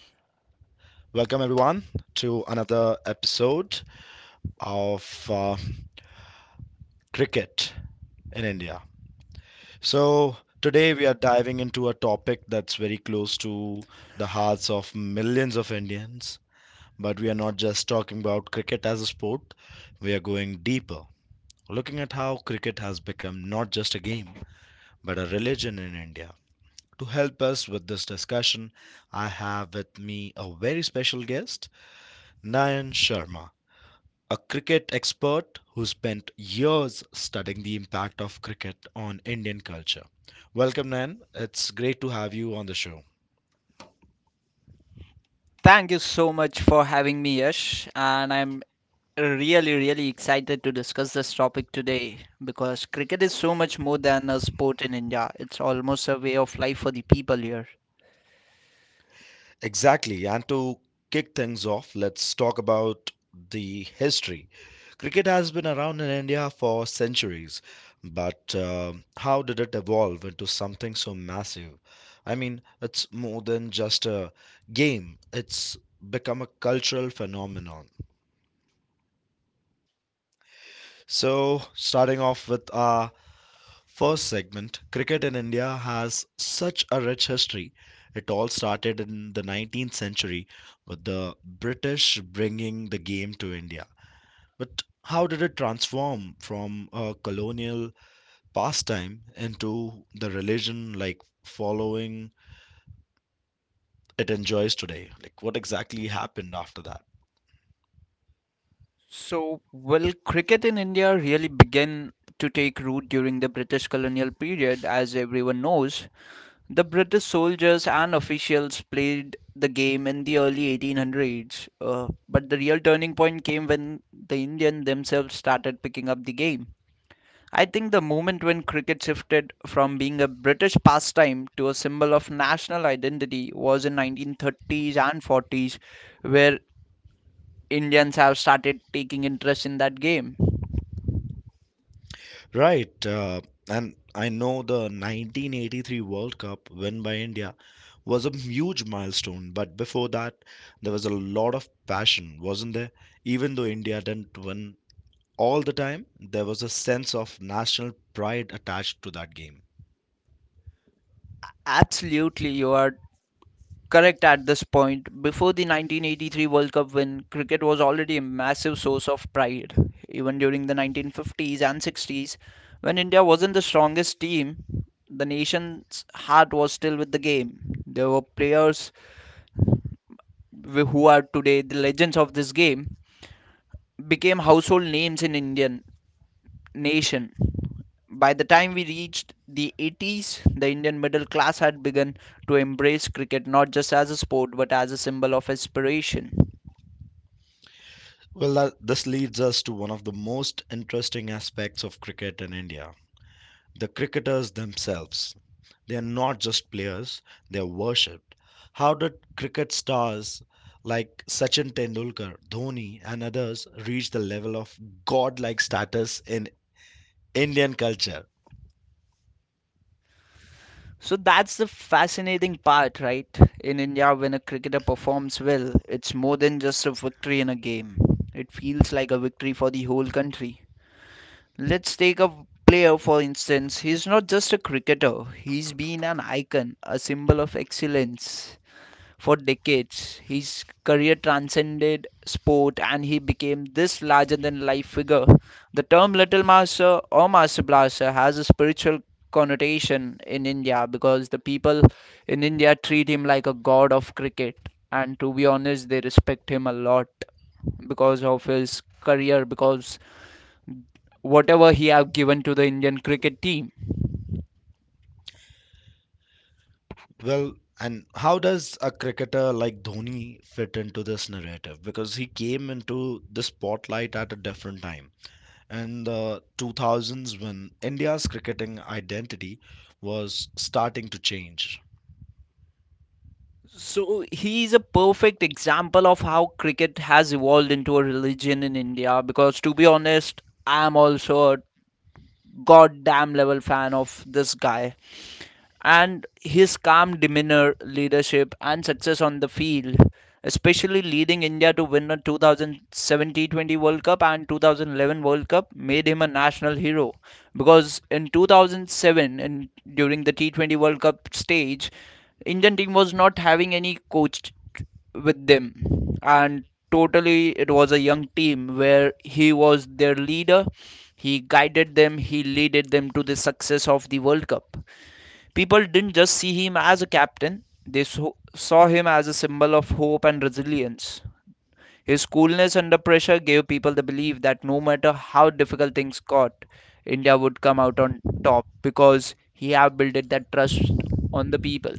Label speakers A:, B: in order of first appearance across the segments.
A: Welcome, everyone, to another episode of Cricket in India. So, today we are diving into a topic that's very close to the hearts of millions of Indians. But we are not just talking about cricket as a sport, we are going deeper, looking at how cricket has become not just a game, but a religion in India. To help us with this discussion, I have with me a very special guest. Nayan Sharma, a cricket expert who spent years studying the impact of cricket on Indian culture. Welcome, Nayan. It's great to have you on the show.
B: Thank you so much for having me, Yash. And I'm really excited to discuss this topic today because cricket is so much more than a sport in India. It's almost a way of life for the people here.
A: Exactly. And to kick things off, let's talk about the history. Cricket has been around in India for centuries, but how did it evolve into something so massive? I mean, it's more than just a game, it's become a cultural phenomenon. So, starting off with our first segment, cricket in India has such a rich history. It all started in the 19th century with the British bringing the game to India. But how did it transform from a colonial pastime into the religion like following it enjoys today? Like, what exactly happened after that?
B: So, will cricket in India really begin to take root during the British colonial period? As everyone knows, the British soldiers and officials played the game in the early 1800s. But the real turning point came when the Indians themselves started picking up the game. I think the moment when cricket shifted from being a British pastime to a symbol of national identity was in 1930s and 40s where Indians have started taking interest in that game.
A: Right, and I know the 1983 World Cup win by India was a huge milestone, but before that, there was a lot of passion, wasn't there? Even though India didn't win all the time, there was a sense of national pride attached to that game.
B: Absolutely, you are correct at this point. Before the 1983 World Cup win, cricket was already a massive source of pride. Even during the 1950s and 60s, when India wasn't the strongest team, the nation's heart was still with the game. There were players who are today the legends of this game, became household names in Indian nation. By the time we reached the 80s, the Indian middle class had begun to embrace cricket not just as a sport but as a symbol of aspiration.
A: Well, this leads us to one of the most interesting aspects of cricket in India, the cricketers themselves. They're not just players, they're worshipped. How did cricket stars like Sachin Tendulkar, Dhoni, and others reach the level of godlike status in Indian culture?
B: So that's the fascinating part, right? In India, when a cricketer performs well, it's more than just a victory in a game. It feels like a victory for the whole country. Let's take a player, for instance. He's not just a cricketer, he's been an icon, a symbol of excellence for decades. His career transcended sport and he became this larger than life figure. The term Little Master or Master Blaster has a spiritual connotation in India because the people in India treat him like a god of cricket. And to be honest, they respect him a lot because of his career, because whatever he have given to the Indian cricket team.
A: Well, and how does a cricketer like Dhoni fit into this narrative? Because he came into the spotlight at a different time. In the 2000s, when India's cricketing identity was starting to change.
B: So he is a perfect example of how cricket has evolved into a religion in India, because to be honest, I am also a goddamn level fan of this guy. And his calm demeanor, leadership, and success on the field, especially leading India to win the 2017-20 World Cup and 2011 World Cup, made him a national hero. Because in 2007, during the T20 World Cup stage, Indian team was not having any coach with them, and totally it was a young team where he was their leader. He guided them. He led them to the success of the World Cup. People didn't just see him as a captain, they saw him as a symbol of hope and resilience. His coolness under pressure gave people the belief that no matter how difficult things got, India would come out on top because he had built that trust on the people.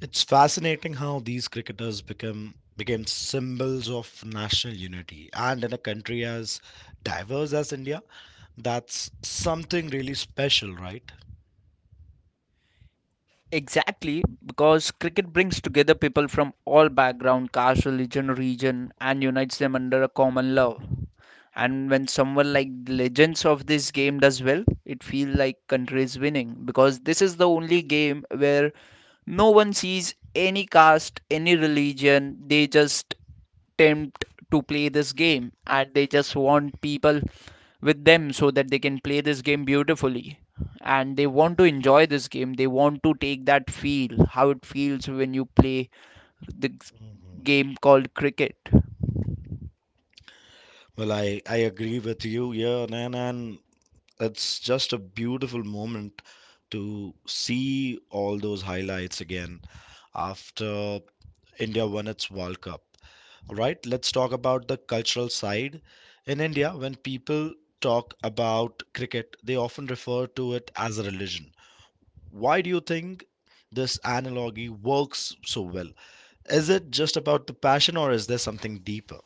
A: It's fascinating how these cricketers become became symbols of national unity, and in a country as diverse as India, that's something really special, right?
B: Exactly, because cricket brings together people from all background, caste, religion, region, and unites them under a common love. And when someone like the legends of this game does well, it feels like country is winning, because this is the only game where no one sees any caste, any religion. They just attempt to play this game and they just want people with them so that they can play this game beautifully, and they want to enjoy this game, they want to take that feel how it feels when you play the g-
A: Mhm.
B: game called cricket.
A: Well, I agree with you, yeah, and it's just a beautiful moment to see all those highlights again after India won its World Cup. All right, let's talk about the cultural side. In India, when people talk about cricket, they often refer to it as a religion. Why do you think this analogy works so well? Is it just about the passion, or is there something deeper?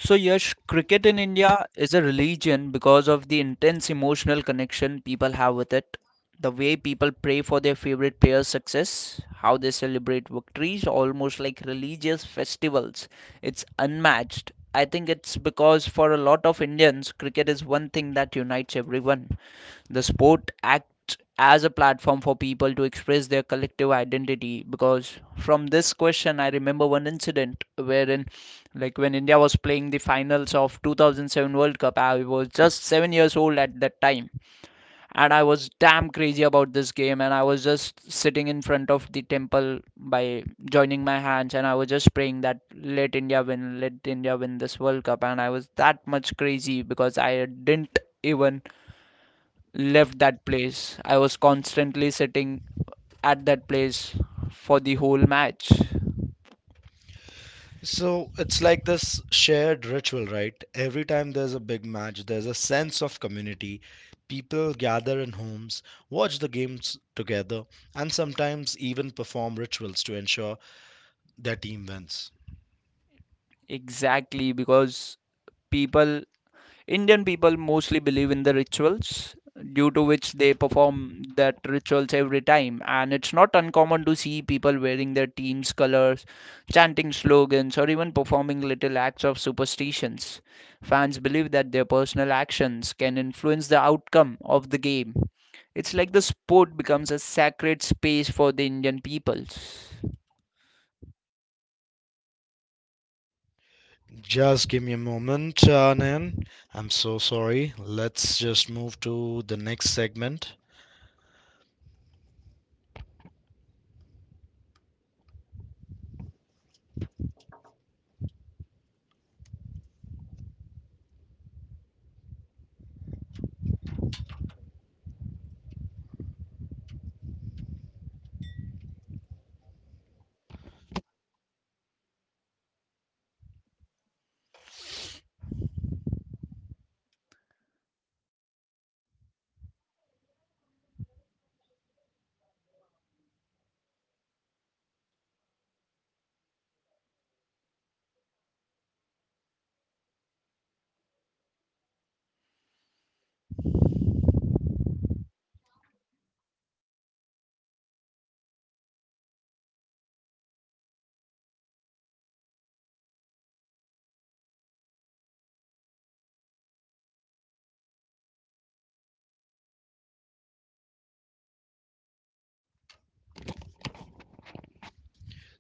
B: So, Yash, cricket in India is a religion because of the intense emotional connection people have with it. The way people pray for their favorite players' success, how they celebrate victories, almost like religious festivals. It's unmatched. I think it's because for a lot of Indians, cricket is one thing that unites everyone. The sport acts as a platform for people to express their collective identity, because from this question I remember one incident wherein like when India was playing the finals of 2007 World Cup, I was just 7 years old at that time, and I was damn crazy about this game and I was just sitting in front of the temple by joining my hands and I was just praying that let India win, let India win this World Cup, and I was that much crazy because I didn't even left that place. I was constantly sitting at that place for the whole match.
A: So it's like this shared ritual, right? Every time there's a big match, there's a sense of community. People gather in homes, watch the games together, and sometimes even perform rituals to ensure their team wins.
B: Exactly, because people Indian people mostly believe in the rituals due to which they perform that rituals every time, and it's not uncommon to see people wearing their team's colors, chanting slogans, or even performing little acts of superstitions. Fans believe that their personal actions can influence the outcome of the game. It's like the sport becomes a sacred space for the Indian peoples.
A: Just give me a moment, Nan. I'm so sorry. Let's just move to the next segment.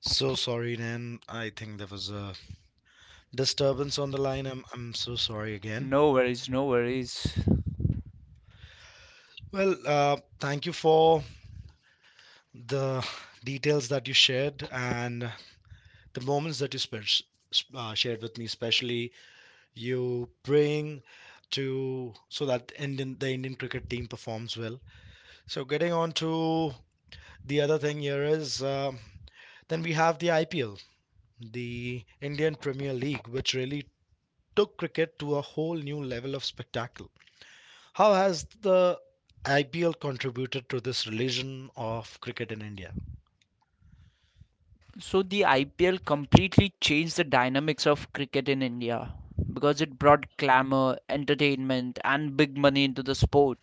A: So sorry, Nan. I think there was a disturbance on the line. I'm so sorry again.
B: No worries, no worries.
A: Well, thank you for the details that you shared and the moments that you shared with me, especially you praying to so that Indian the Indian cricket team performs well. So getting on to the other thing here is then we have the IPL, the Indian Premier League, which really took cricket to a whole new level of spectacle. How has the IPL contributed to this religion of cricket in India?
B: So the IPL completely changed the dynamics of cricket in India because it brought glamour, entertainment, and big money into the sport.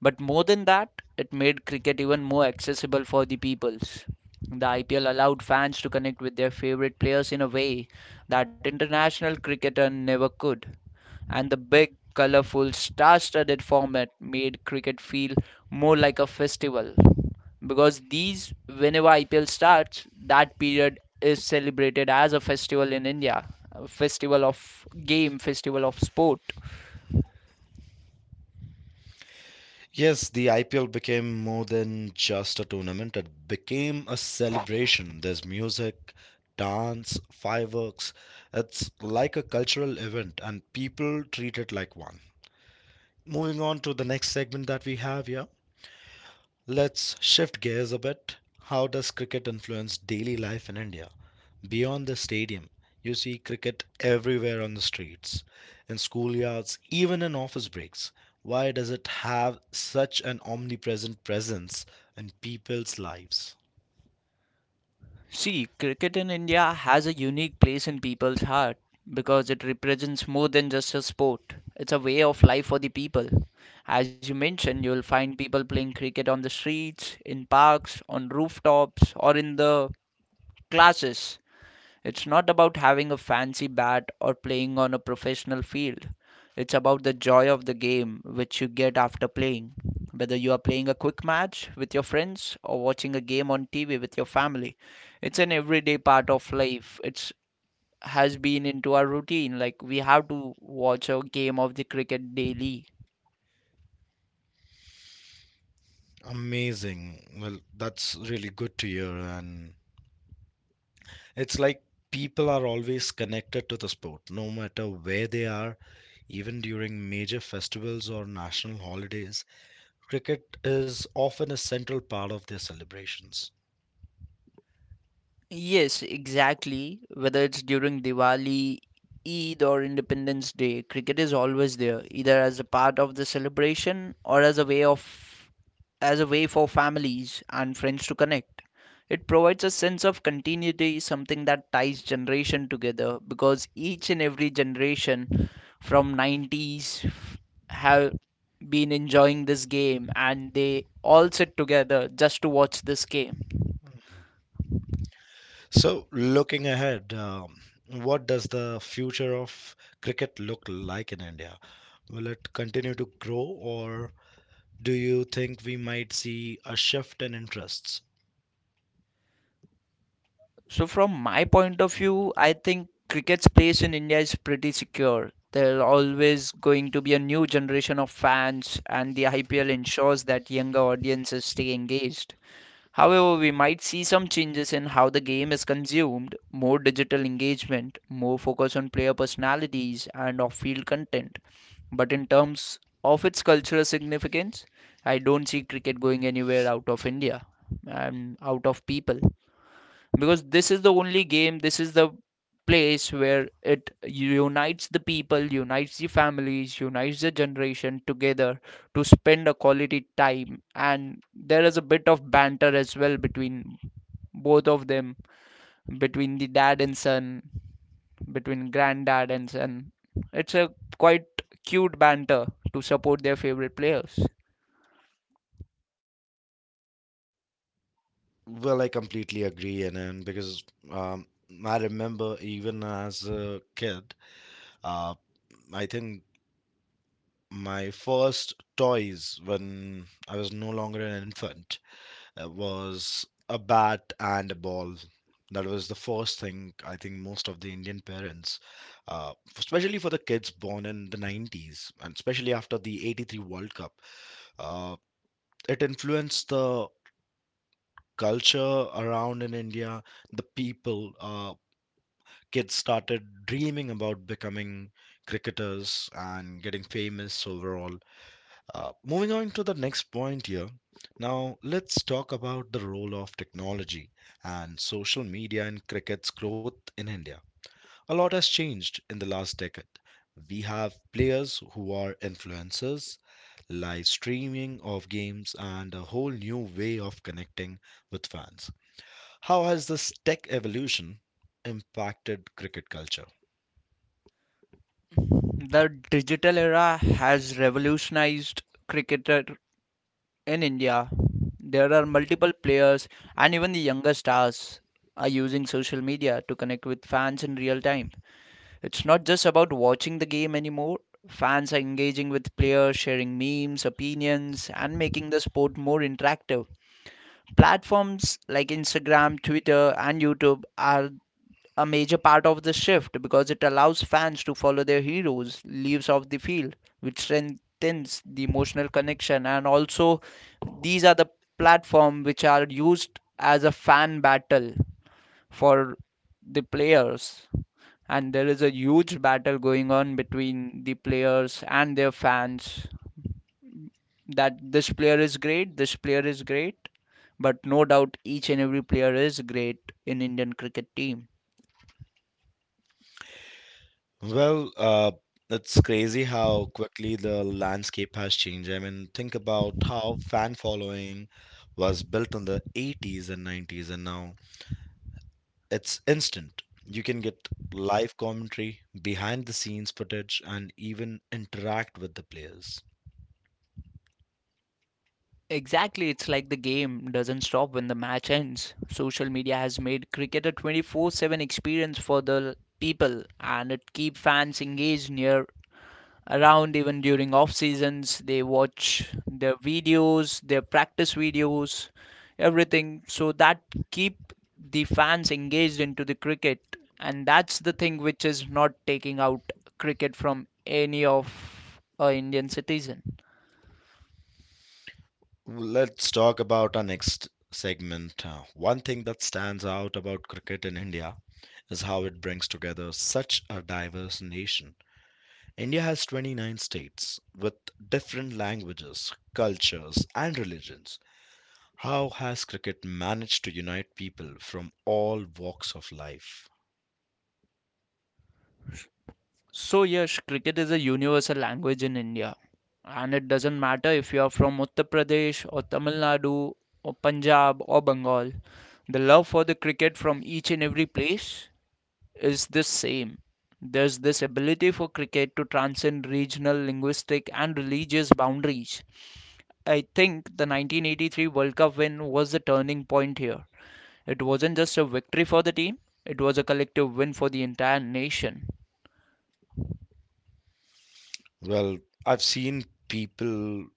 B: But more than that, it made cricket even more accessible for the peoples. The IPL allowed fans to connect with their favorite players in a way that international cricketer never could, and the big, colourful, star studded format made cricket feel more like a festival. Because these, whenever IPL starts, that period is celebrated as a festival in India, a festival of game, festival of sport.
A: Yes, the IPL became more than just a tournament. It became a celebration. There's music, dance, fireworks. It's like a cultural event, and people treat it like one. Moving on to the next segment that we have here. Let's shift gears a bit. How does cricket influence daily life in India? Beyond the stadium, you see cricket everywhere on the streets, in schoolyards, even in office breaks. Why does it have such an omnipresent presence in people's lives?
B: See, cricket in India has a unique place in people's heart because it represents more than just a sport. It's a way of life for the people. As you mentioned, you'll find people playing cricket on the streets, in parks, on rooftops, or in the classes. It's not about having a fancy bat or playing on a professional field. It's about the joy of the game which you get after playing. Whether you are playing a quick match with your friends or watching a game on TV with your family, it's an everyday part of life. It's has been into our routine. Like we have to watch a game of the cricket daily.
A: Amazing. Well, that's really good to hear. And it's like people are always connected to the sport, no matter where they are, even during major festivals or national holidays. Cricket is often a central part of their celebrations.
B: Yes, exactly. Whether it's during Diwali, Eid, or Independence Day, cricket is always there, either as a part of the celebration or as a way for families and friends to connect. It provides a sense of continuity, something that ties generation together because each and every generation from 90s have been enjoying this game and they all sit together just to watch this game.
A: So, looking ahead, what does the future of cricket look like in India? Will it continue to grow, or do you think we might see a shift in interests?
B: So, from my point of view, I think cricket's place in India is pretty secure. There are always going to be a new generation of fans, and the IPL ensures that younger audiences stay engaged. However, we might see some changes in how the game is consumed, more digital engagement, more focus on player personalities, and off field content. But in terms of its cultural significance, I don't see cricket going anywhere out of India and out of people, because this is the only game, this is the place where it unites the people, unites the families, unites the generation together to spend a quality time, and there is a bit of banter as well between both of them, between the dad and son, between granddad and son. It's a quite cute banter to support their favorite players.
A: Well, I completely agree, and, because um, I remember even as a kid, uh, I think my first toys when I was no longer an infant. It was a bat and a ball. That was the first thing. I think most of the Indian parents, especially for the kids born in the 90s, and especially after the 83 World Cup, uh, it influenced the culture around in India, the people. Kids started dreaming about becoming cricketers and getting famous overall. Moving on to the next point here. Now, let's talk about the role of technology and social media in cricket's growth in India. A lot has changed in the last decade. We have players who are influencers, live streaming of games, and a whole new way of connecting with fans. How has this tech evolution impacted cricket culture?
B: The digital era has revolutionized cricketer in India. There are multiple players, and even the younger stars are using social media to connect with fans in real time. It's not just about watching the game anymore. Fans are engaging with players, sharing memes, opinions, and making the sport more interactive. Platforms like Instagram, Twitter, and YouTube are a major part of the shift because it allows fans to follow their heroes leaves off the field, which strengthens the emotional connection. And also, these are the platform which are used as a fan battle for the players. And there is a huge battle going on between the players and their fans that this player is great, this player is great. But no doubt, each and every player is great in Indian cricket team.
A: Well, it's crazy how quickly the landscape has changed. I mean, think about how fan following was built in the 80s and 90s, and now it's instant. You can get live commentary, behind the scenes footage, and even interact with the players.
B: Exactly, it's like the game doesn't stop when the match ends. Social media has made cricket a 24/7 experience for the people and it keeps fans engaged near around even during off seasons. They watch their videos, their practice videos, everything, so that keep the fans engaged into the cricket, and that's the thing which is not taking out cricket from any of a Indian citizen.
A: Let's talk about our next segment. One thing that stands out about cricket in India is how it brings together such a diverse nation. India has 29 states with different languages, cultures, and religions. How has cricket managed to unite people from all walks of life?
B: So, yes, cricket is a universal language in India, and it doesn't matter if you are from Uttar Pradesh or Tamil Nadu or Punjab or Bengal, the love for the cricket from each and every place is the same. There's this ability for cricket to transcend regional, linguistic, and religious boundaries. I think the 1983 World Cup win was the turning point here. It wasn't just a victory for the team, it was a collective win for the entire nation.
A: Well, I've seen people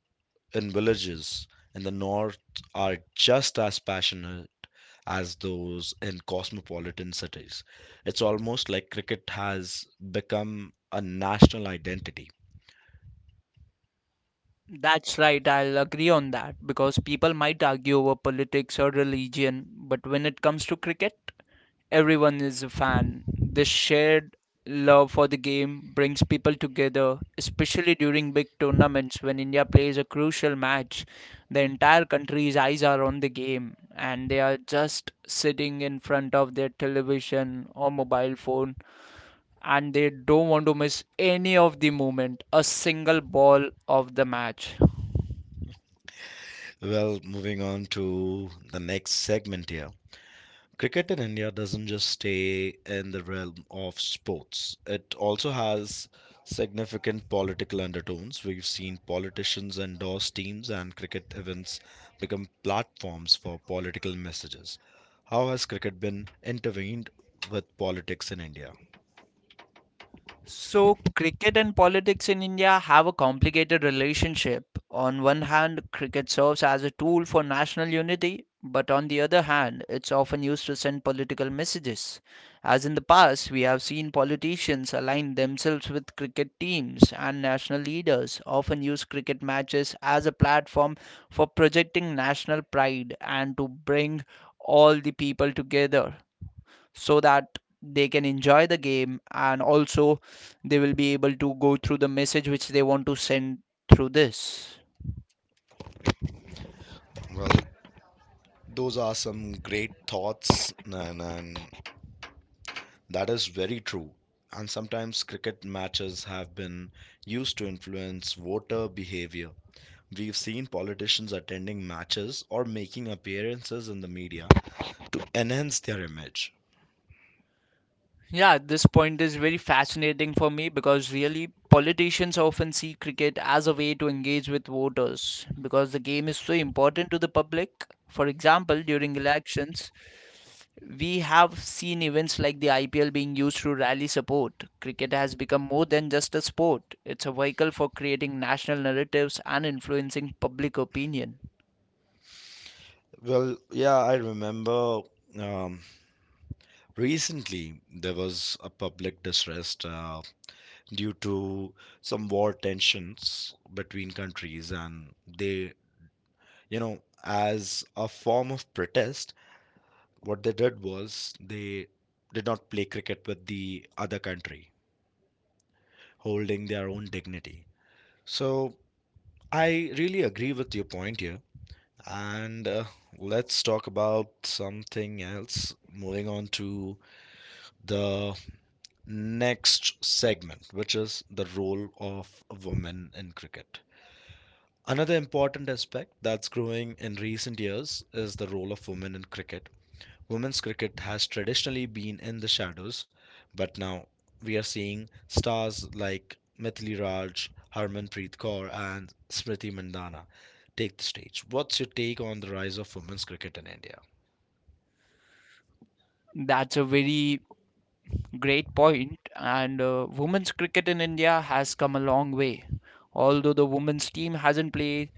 A: in villages in the north are just as passionate as those in cosmopolitan cities. It's almost like cricket has become a national identity.
B: That's right, I'll agree on that because people might argue over politics or religion, but when it comes to cricket, everyone is a fan. This shared love for the game brings people together, especially during big tournaments when India plays a crucial match. The entire country's eyes are on the game, and they are just sitting in front of their television or mobile phone, and they don't want to miss any of the moment, a single ball of the match.
A: Well, moving on to the next segment here. Cricket in India doesn't just stay in the realm of sports. It also has significant political undertones. We've seen politicians endorse teams and cricket events become platforms for political messages. How has cricket been intervened with politics in India?
B: So, cricket and politics in India have a complicated relationship. On one hand, cricket serves as a tool for national unity, but on the other hand, it's often used to send political messages. As in the past, we have seen politicians align themselves with cricket teams, and national leaders often use cricket matches as a platform for projecting national pride and to bring all the people together so that they can enjoy the game and also they will be able to go through the message which they want to send through this.
A: Well, those are some great thoughts, and, that is very true. And sometimes cricket matches have been used to influence voter behavior. We've seen politicians attending matches or making appearances in the media enhance their image.
B: Yeah, this point is very fascinating for me because really politicians often see cricket as a way to engage with voters because the game is so important to the public. For example, during elections, we have seen events like the IPL being used to rally support. Cricket has become more than just a sport, it's a vehicle for creating national narratives and influencing public opinion.
A: Well, yeah, I remember um, recently there was a public distress due to some war tensions between countries, and they, you know, as a form of protest, what they did was they did not play cricket with the other country, holding their own dignity. So I really agree with your point here. And let's talk about something else. Moving on to the next segment, which is the role of women in cricket. Another important aspect that's growing in recent years is the role of women in cricket. Women's cricket has traditionally been in the shadows, but now we are seeing stars like Mithili Raj, Harmanpreet Kaur, and Smriti Mandhana take the stage. What's your take on the rise of women's cricket in India?
B: That's a very great point, and women's cricket in India has come a long way. Although the women's team hasn't played,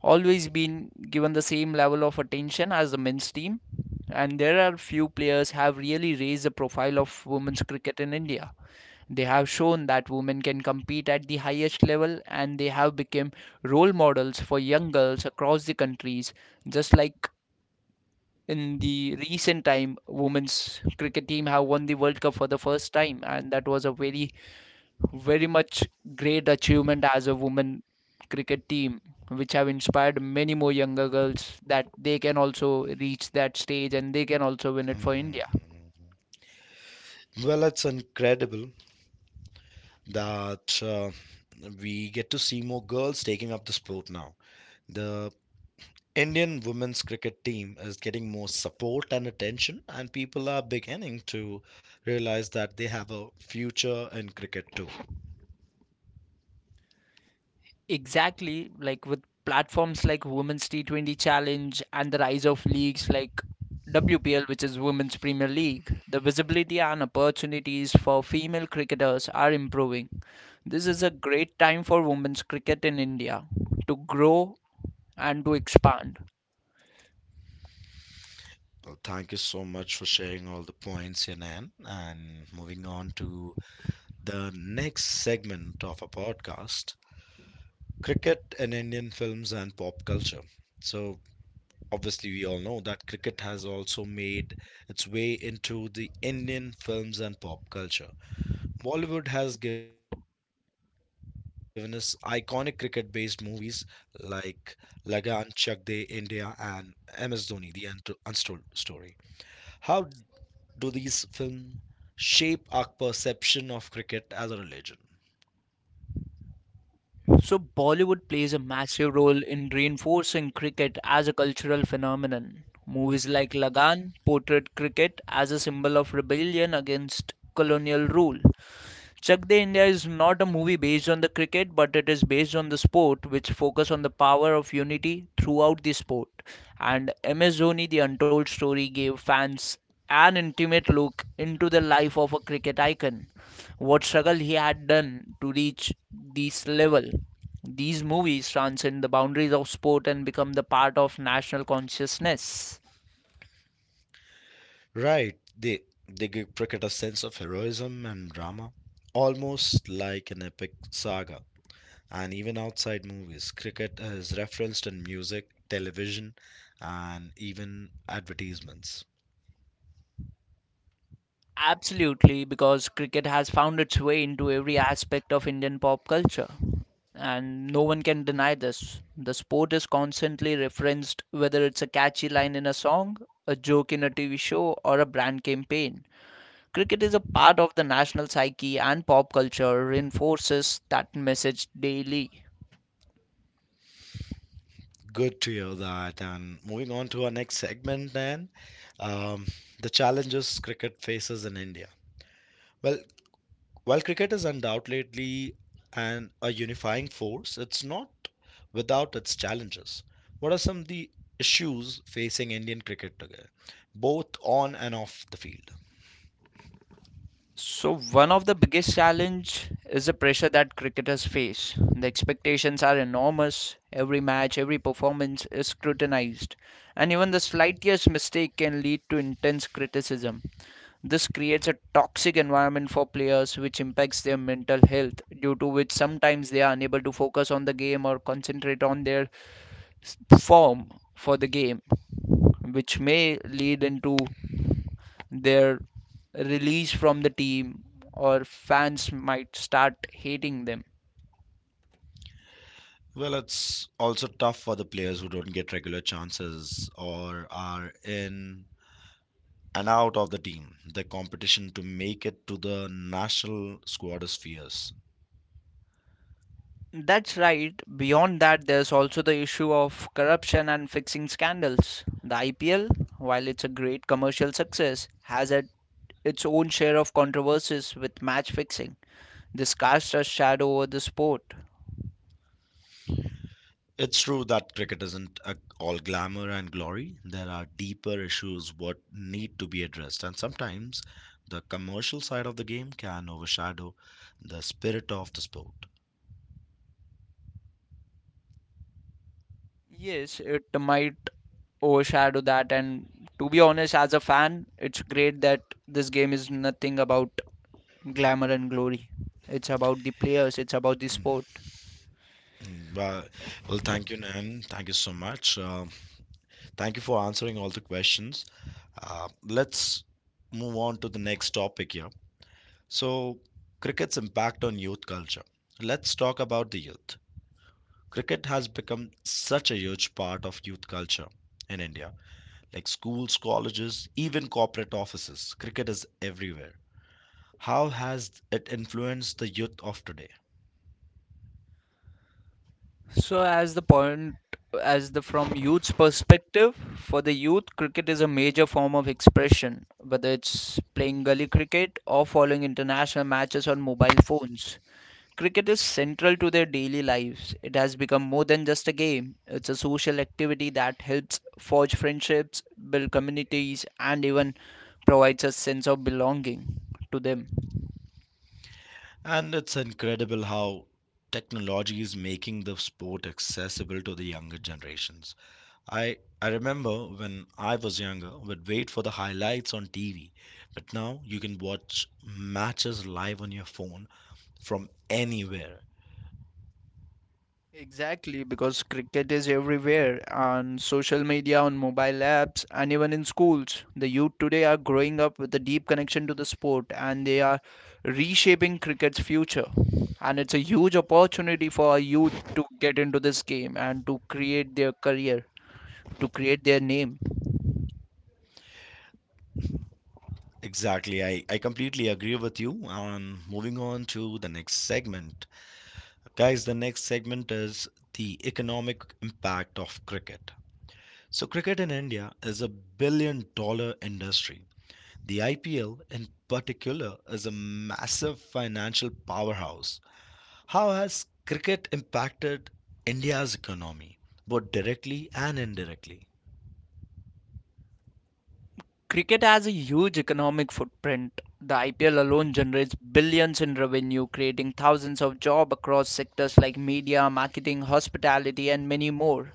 B: always been given the same level of attention as the men's team, and there are few players have really raised the profile of women's cricket in India. They have shown that women can compete at the highest level and they have become role models for young girls across the countries. Just like in the recent time, women's cricket team have won the World Cup for the first time and that was a very very much great achievement as a women cricket team which have inspired many more younger girls that they can also reach that stage and they can also win it for India.
A: Mhm. Well, it's incredible that we get to see more girls taking up the sport now. The Indian women's cricket team is getting more support and attention, and people are beginning to realize that they have a future in cricket too.
B: Exactly, like with platforms like Women's T20 Challenge and the rise of leagues like WPL, which is Women's Premier League, the visibility and opportunities for female cricketers are improving. This is a great time for women's cricket in India to grow and to expand.
A: Well, thank you so much for sharing all the points, Yanan. And moving on to the next segment of our podcast, cricket in Indian films and pop culture. So, obviously, we all know that cricket has also made its way into the Indian films and pop culture. Bollywood has given us iconic cricket based movies like Lagan, Chak De, India, and MS Dhoni, The Untold Story. How do these films shape our perception of cricket as a religion?
B: So, Bollywood plays a massive role in reinforcing cricket as a cultural phenomenon. Movies like Lagan portrayed cricket as a symbol of rebellion against colonial rule. Chak De India is not a movie based on the cricket, but it is based on the sport, which focus on the power of unity throughout the sport. And MS Dhoni, the untold story, gave fans an intimate look into the life of a cricket icon, what struggle he had done to reach this level. These movies transcend the boundaries of sport and become the part of national consciousness.
A: Right, they give cricket a sense of heroism and drama, almost like an epic saga. And even outside movies, cricket is referenced in music, television, and even advertisements.
B: Absolutely, because cricket has found its way into every aspect of Indian pop culture, and no one can deny this. The sport is constantly referenced, whether it's a catchy line in a song, a joke in a TV show, or a brand campaign. Cricket is a part of the national psyche, and pop culture reinforces that message daily.
A: Good to hear that. And moving on to our next segment, then, um, the challenges cricket faces in India. Well, while cricket is undoubtedly an a unifying force, it's not without its challenges. What are some of the issues facing Indian cricket today, both on and off the field?
B: So one of the biggest challenge is the pressure that cricketers face. The expectations are enormous. Every match, every performance is scrutinized, and even the slightest mistake can lead to intense criticism. This creates a toxic environment for players which impacts their mental health, due to which sometimes they are unable to focus on the game or concentrate on their form for the game, which may lead into their release from the team or fans might start hating them.
A: Well, it's also tough for the players who don't get regular chances or are in and out of the team. The competition to make it to the national squad is fierce.
B: That's right. Beyond that, there's also the issue of corruption and fixing scandals. The IPL, while it's a great commercial success, has at its own share of controversies with match fixing. This casts a shadow over the sport.
A: It's true that cricket isn't all glamour and glory. There are deeper issues what need to be addressed, and sometimes the commercial side of the game can overshadow the spirit of the sport.
B: Yes, it might overshadow that. And to be honest, as a fan, it's great that this game is nothing about glamour and glory. It's about the players, it's about the sport.
A: Mm, well, well thank you, Nan. Thank you so much. Thank you for answering all the questions. Uh, let's move on to the next topic here. So, cricket's impact on youth culture. Let's talk about the youth. Cricket has become such a huge part of youth culture in India. Like schools, colleges, even corporate offices, cricket is everywhere. How has it influenced the youth of today?
B: So as the point as the From youth's perspective, for the youth, cricket is a major form of expression, whether it's playing gully cricket or following international matches on mobile phones. Cricket is central to their daily lives. It has become more than just a game. It's a social activity that helps forge friendships, build communities, and even provides a sense of belonging to them.
A: And it's incredible how technology is making the sport accessible to the younger generations. I remember when I was younger, would wait for the highlights on TV, but now you can watch matches live on your phone from anywhere.
B: Exactly, because cricket is everywhere on social media, on mobile apps, and even in schools. The youth today are growing up with a deep connection to the sport and they are reshaping cricket's future. And it's a huge opportunity for our youth to get into this game and to create their career, to create their name.
A: Exactly. I completely agree with you. And moving on to the next segment. Guys, the next segment is the economic impact of cricket. So, cricket in India is a billion dollar industry. The IPL, in particular, is a massive financial powerhouse. How has cricket impacted India's economy, both directly and indirectly?
B: Cricket has a huge economic footprint. The IPL alone generates billions in revenue, creating thousands of jobs across sectors like media, marketing, hospitality, and many more.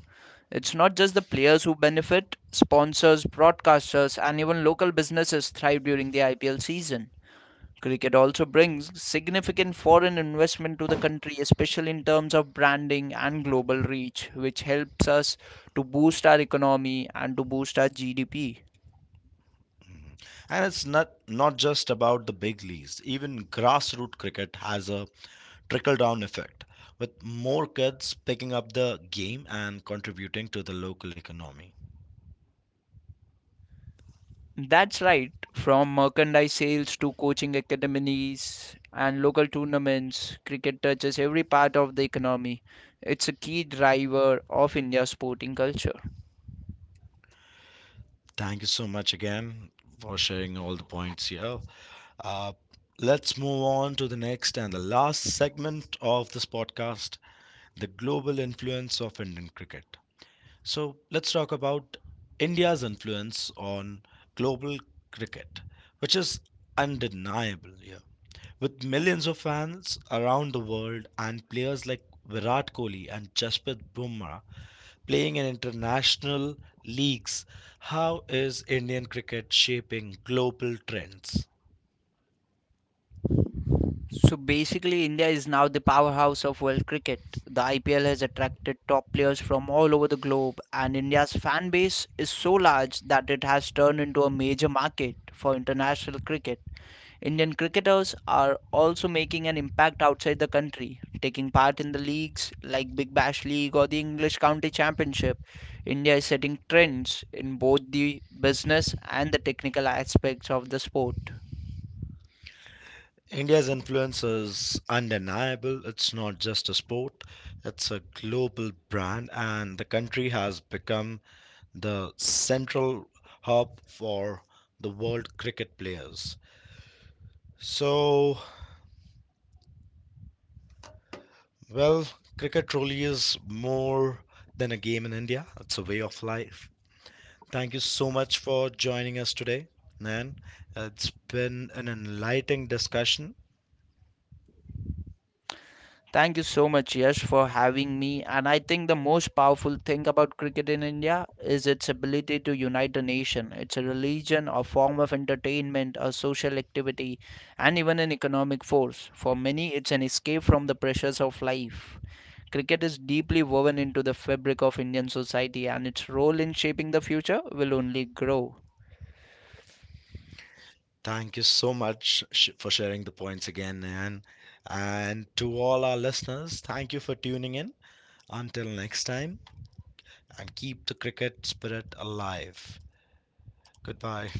B: It's not just the players who benefit, sponsors, broadcasters, and even local businesses thrive during the IPL season. Cricket also brings significant foreign investment to the country, especially in terms of branding and global reach, which helps us to boost our economy and to boost our GDP.
A: Mhm. And it's not just about the big leagues. Even grassroots cricket has a trickle down effect, with more kids picking up the game and contributing to the local economy.
B: That's right, from merchandise sales to coaching academies and local tournaments, cricket touches every part of the economy. It's a key driver of India's sporting culture.
A: Thank you so much again for sharing all the points here. Uh, let's move on to the next and the last segment of this podcast, the global influence of Indian cricket. So let's talk about India's influence on global cricket, which is undeniable here. With millions of fans around the world and players like Virat Kohli and Jasprit Bumrah playing in international leagues, how is Indian cricket shaping global trends?
B: So basically, India is now the powerhouse of world cricket. The IPL has attracted top players from all over the globe, and India's fan base is so large that it has turned into a major market for international cricket. Indian cricketers are also making an impact outside the country, taking part in the leagues like Big Bash League or the English County Championship. India is setting trends in both the business and the technical aspects of the sport.
A: India's influence is undeniable. It's not just a sport, it's a global brand, and the country has become the central hub for the world cricket players. So, well, cricket truly is more than a game in India, it's a way of life. Thank you so much for joining us today, Nan. It's been an enlightening discussion.
B: Thank you so much, Yash, for having me. And I think the most powerful thing about cricket in India is its ability to unite a nation. It's a religion, a form of entertainment, a social activity, and even an economic force. For many, it's an escape from the pressures of life. Cricket is deeply woven into the fabric of Indian society, and its role in shaping the future will only grow.
A: Thank you so much for sharing the points again, Nan. And to all our listeners, thank you for tuning in. Until next time, and keep the cricket spirit alive. Goodbye.